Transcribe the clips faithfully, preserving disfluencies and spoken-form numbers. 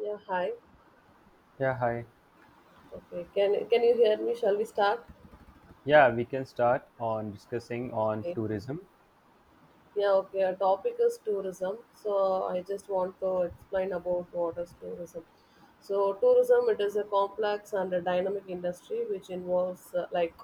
Yeah, hi. Yeah, hi. Okay, can can you hear me? Shall we start? Yeah, we can start on discussing on Okay. tourism. Yeah, okay. Our topic is tourism. So I just want to explain about what is tourism. So tourism, it is a complex and a dynamic industry which involves uh, like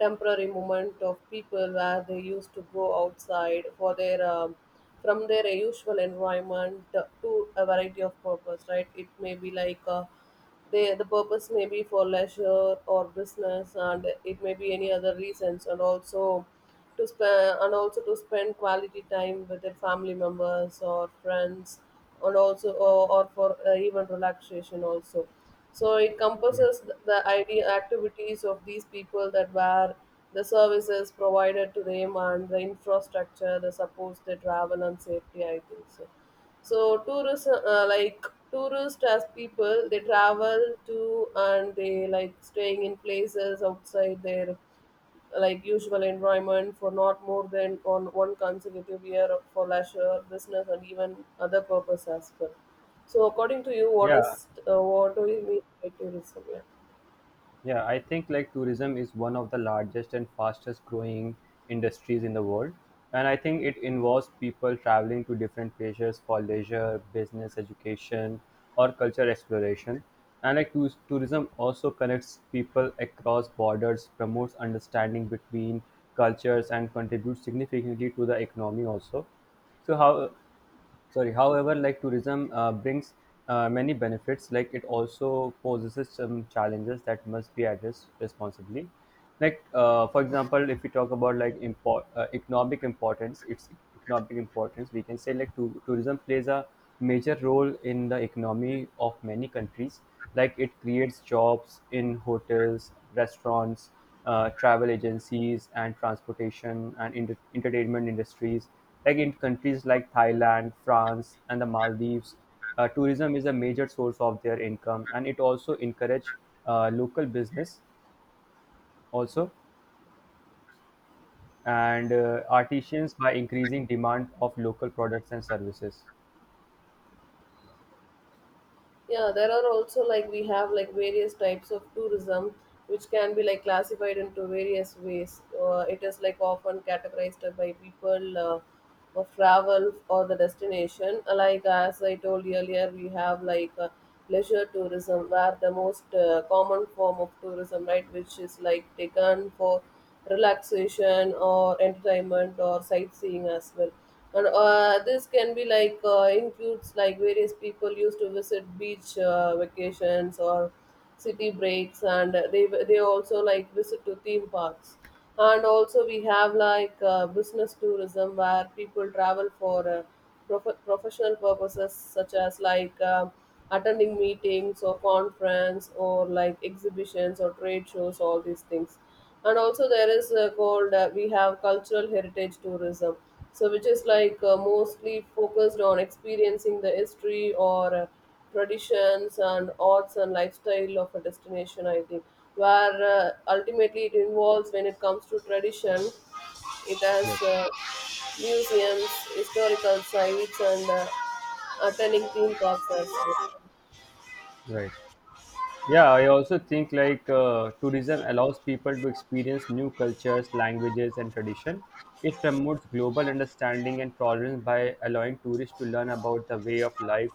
temporary movement of people where they used to go outside for their um, from their usual environment to a variety of purpose. Right? It may be like uh, They, the purpose may be for leisure or business, and it may be any other reasons, and also to spend and also to spend quality time with their family members or friends, and also or, or for uh, even relaxation also. So it Yeah. encompasses th- the idea activities of these people that were the services provided to them and the infrastructure, the supports they travel and safety, I think so. So tourists uh, like tourists as people, they travel to and they like staying in places outside their like usual environment for not more than on one consecutive year for leisure, business, and even other purpose as well. So according to you, what Yeah, is uh, what do you mean by tourism? Yeah. yeah, I think like tourism is one of the largest and fastest growing industries in the world. And I think it involves people traveling to different places for leisure, business, education, or culture exploration. And like tou- tourism also connects people across borders, promotes understanding between cultures, and contributes significantly to the economy also. So how Sorry, however like tourism uh, brings uh, many benefits like it also poses some challenges that must be addressed responsibly like uh, for example if we talk about like import uh, economic importance its economic importance we can say like to, tourism plays a major role in the economy of many countries like it creates jobs in hotels restaurants uh, travel agencies and transportation and enter- entertainment industries. Like in countries like Thailand, France, and the Maldives, uh, tourism is a major source of their income, and it also encourage uh, local business also and uh, artisans by increasing demand of local products and services. Yeah, there are also like we have like various types of tourism which can be like classified into various ways. Uh, it is like often categorized by people uh, of travel or the destination. Uh, Like as I told earlier, we have like uh, leisure tourism where the most uh, common form of tourism, right, which is like taken for relaxation or entertainment or sightseeing as well, and uh, this can be like uh, includes like various people used to visit beach uh, vacations or city breaks, and they they also like visit to theme parks. And also we have like uh, business tourism where people travel for uh, prof- professional purposes such as like uh, attending meetings or conference or like exhibitions or trade shows, all these things. And also there is uh, called uh, we have cultural heritage tourism, so which is like uh, mostly focused on experiencing the history or uh, traditions and arts and lifestyle of a destination, I think, where uh, ultimately it involves, when it comes to tradition, it has Yes, uh, museums, historical sites, and uh, attending theme parks as well. right. Yeah, I also think like uh, tourism allows people to experience new cultures, languages, and tradition. It promotes global understanding and tolerance by allowing tourists to learn about the way of life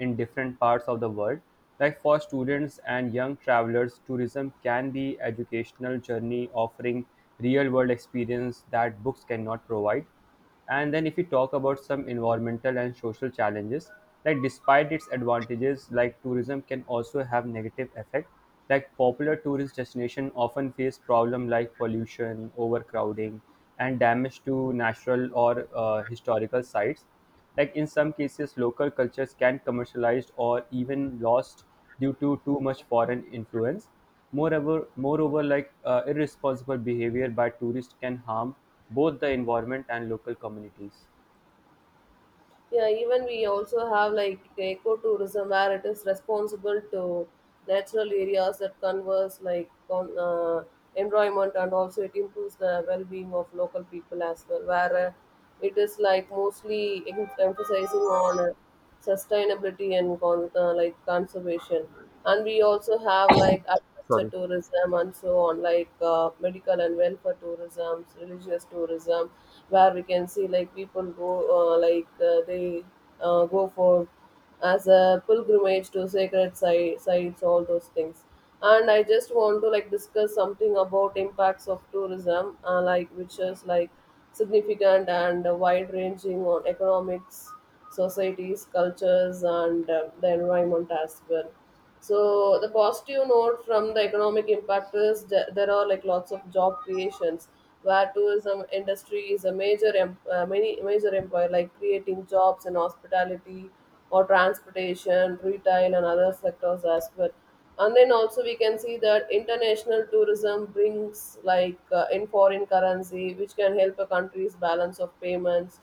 in different parts of the world. Like for students and young travelers, tourism can be educational journey offering real world experience that books cannot provide. And then if we talk about some environmental and social challenges, like despite its advantages, like tourism can also have negative effect. Like popular tourist destination often face problem like pollution, overcrowding, and damage to natural or uh, historical sites. Like in some cases, local cultures can commercialized or even lost due to too much foreign influence. Moreover, moreover, like uh, irresponsible behavior by tourists can harm both the environment and local communities. Yeah, even we also have like ecotourism where it is responsible to natural areas that converse like con- uh, environment, and also it improves the well-being of local people as well. Where uh, it is like mostly em- emphasizing on uh, sustainability and con- uh, like conservation. And we also have like agriculture Sorry. tourism and so on, like uh, medical and welfare tourism, religious tourism, where we can see like people go uh, like uh, they uh, go for as a pilgrimage to sacred si- sites, all those things. And I just want to like discuss something about impacts of tourism, uh, like which is like significant and wide ranging on economics, societies, cultures, and uh, the environment as well. So the positive note from the economic impact is that there are like lots of job creations, where tourism industry is a major em- uh, many major employer, like creating jobs in hospitality or transportation, retail, and other sectors as well. And then also we can see that international tourism brings like uh, in foreign currency which can help a country's balance of payments.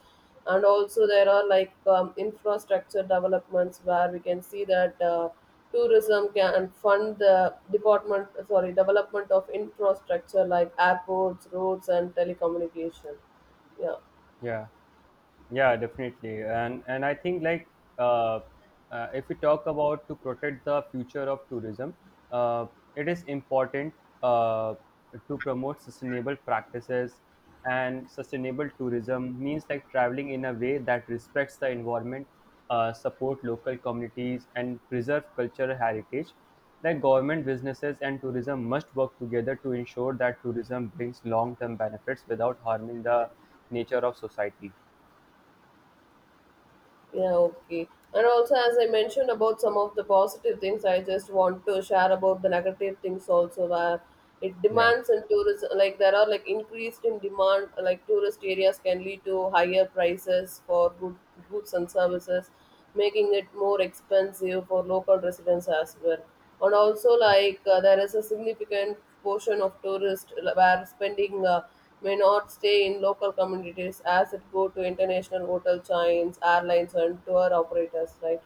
And also there are like um, infrastructure developments where we can see that uh, tourism can fund the department, sorry, development of infrastructure like airports, roads, and telecommunication. Yeah. Yeah. Yeah, definitely, and and I think like uh, uh, if we talk about to protect the future of tourism, uh, it is important uh, to promote sustainable practices, and sustainable tourism means like traveling in a way that respects the environment, uh, support local communities and preserve cultural heritage, like government businesses and tourism must work together to ensure that tourism brings long-term benefits without harming the nature of society. Yeah, okay. And also, as I mentioned about some of the positive things, I just want to share about the negative things also, where it Yeah. demands and tourism, like there are like increased in demand, like tourist areas can lead to higher prices for good goods and services, making it more expensive for local residents as well. And also, like uh, there is a significant portion of tourists where spending Uh, may not stay in local communities as it go to international hotel chains, airlines, and tour operators, right?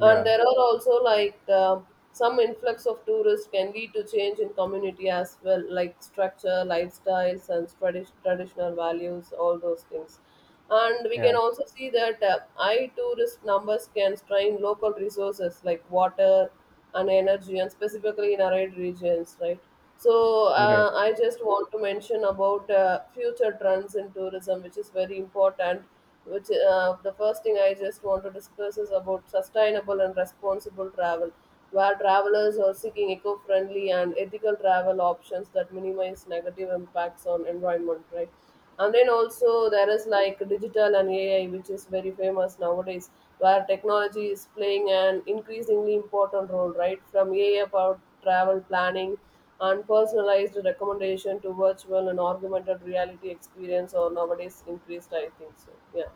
And there are also like uh, some influx of tourists can lead to change in community as well, like structure, lifestyles, and tradi- traditional values, all those things. And we yeah, can also see that uh, high tourist numbers can strain local resources like water and energy, and specifically in arid regions, right? So you're right. uh, I just want to mention about uh, future trends in tourism, which is very important. Which uh, The first thing I just want to discuss is about sustainable and responsible travel, where travelers are seeking eco-friendly and ethical travel options that minimize negative impacts on environment, right? And then also there is like digital and A I, which is very famous nowadays, where technology is playing an increasingly important role, right? From A I about travel planning and personalized recommendation to virtual and augmented reality experience, or nowadays increased, I think so. Yeah.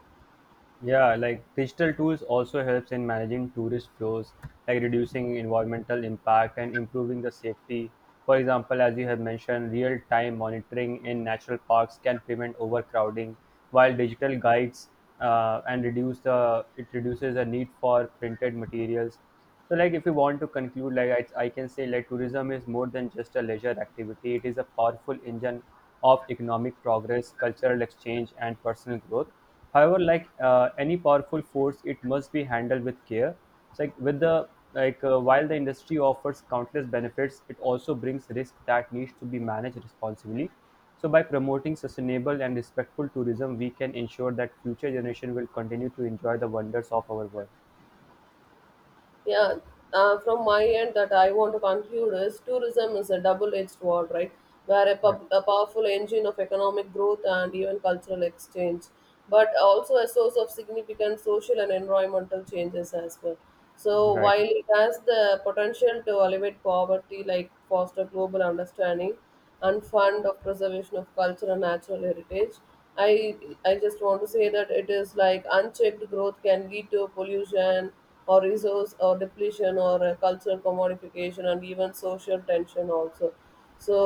Yeah, like digital tools also helps in managing tourist flows, like reducing environmental impact and improving the safety. For example, as you have mentioned, real-time monitoring in national parks can prevent overcrowding, while digital guides uh, and reduce the it reduces the need for printed materials. So, like, if you want to conclude, like, I, I can say, like, tourism is more than just a leisure activity. It is a powerful engine of economic progress, cultural exchange, and personal growth. However, like uh, any powerful force, it must be handled with care. It's like with the like, uh, while the industry offers countless benefits, it also brings risk that needs to be managed responsibly. So, by promoting sustainable and respectful tourism, we can ensure that future generation will continue to enjoy the wonders of our world. Yeah, uh, from my end, that I want to conclude is tourism is a double-edged sword, right? Where a, Yeah, pub- a powerful engine of economic growth and even cultural exchange, but also a source of significant social and environmental changes as well. So right. while it has the potential to alleviate poverty, like foster global understanding and fund of preservation of culture and natural heritage, I I just want to say that it is like unchecked growth can lead to pollution or resource or depletion or a cultural commodification and even social tension also. So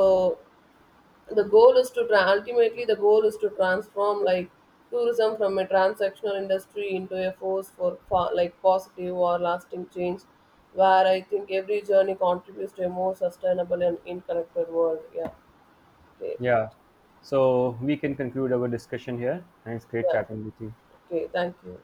the goal is to tra- ultimately the goal is to transform like tourism from a transactional industry into a force for, for like positive or lasting change, where I think every journey contributes to a more sustainable and interconnected world. Yeah. Okay. Yeah. So we can conclude our discussion here, and it's great Yeah, chatting with you. okay, thank you.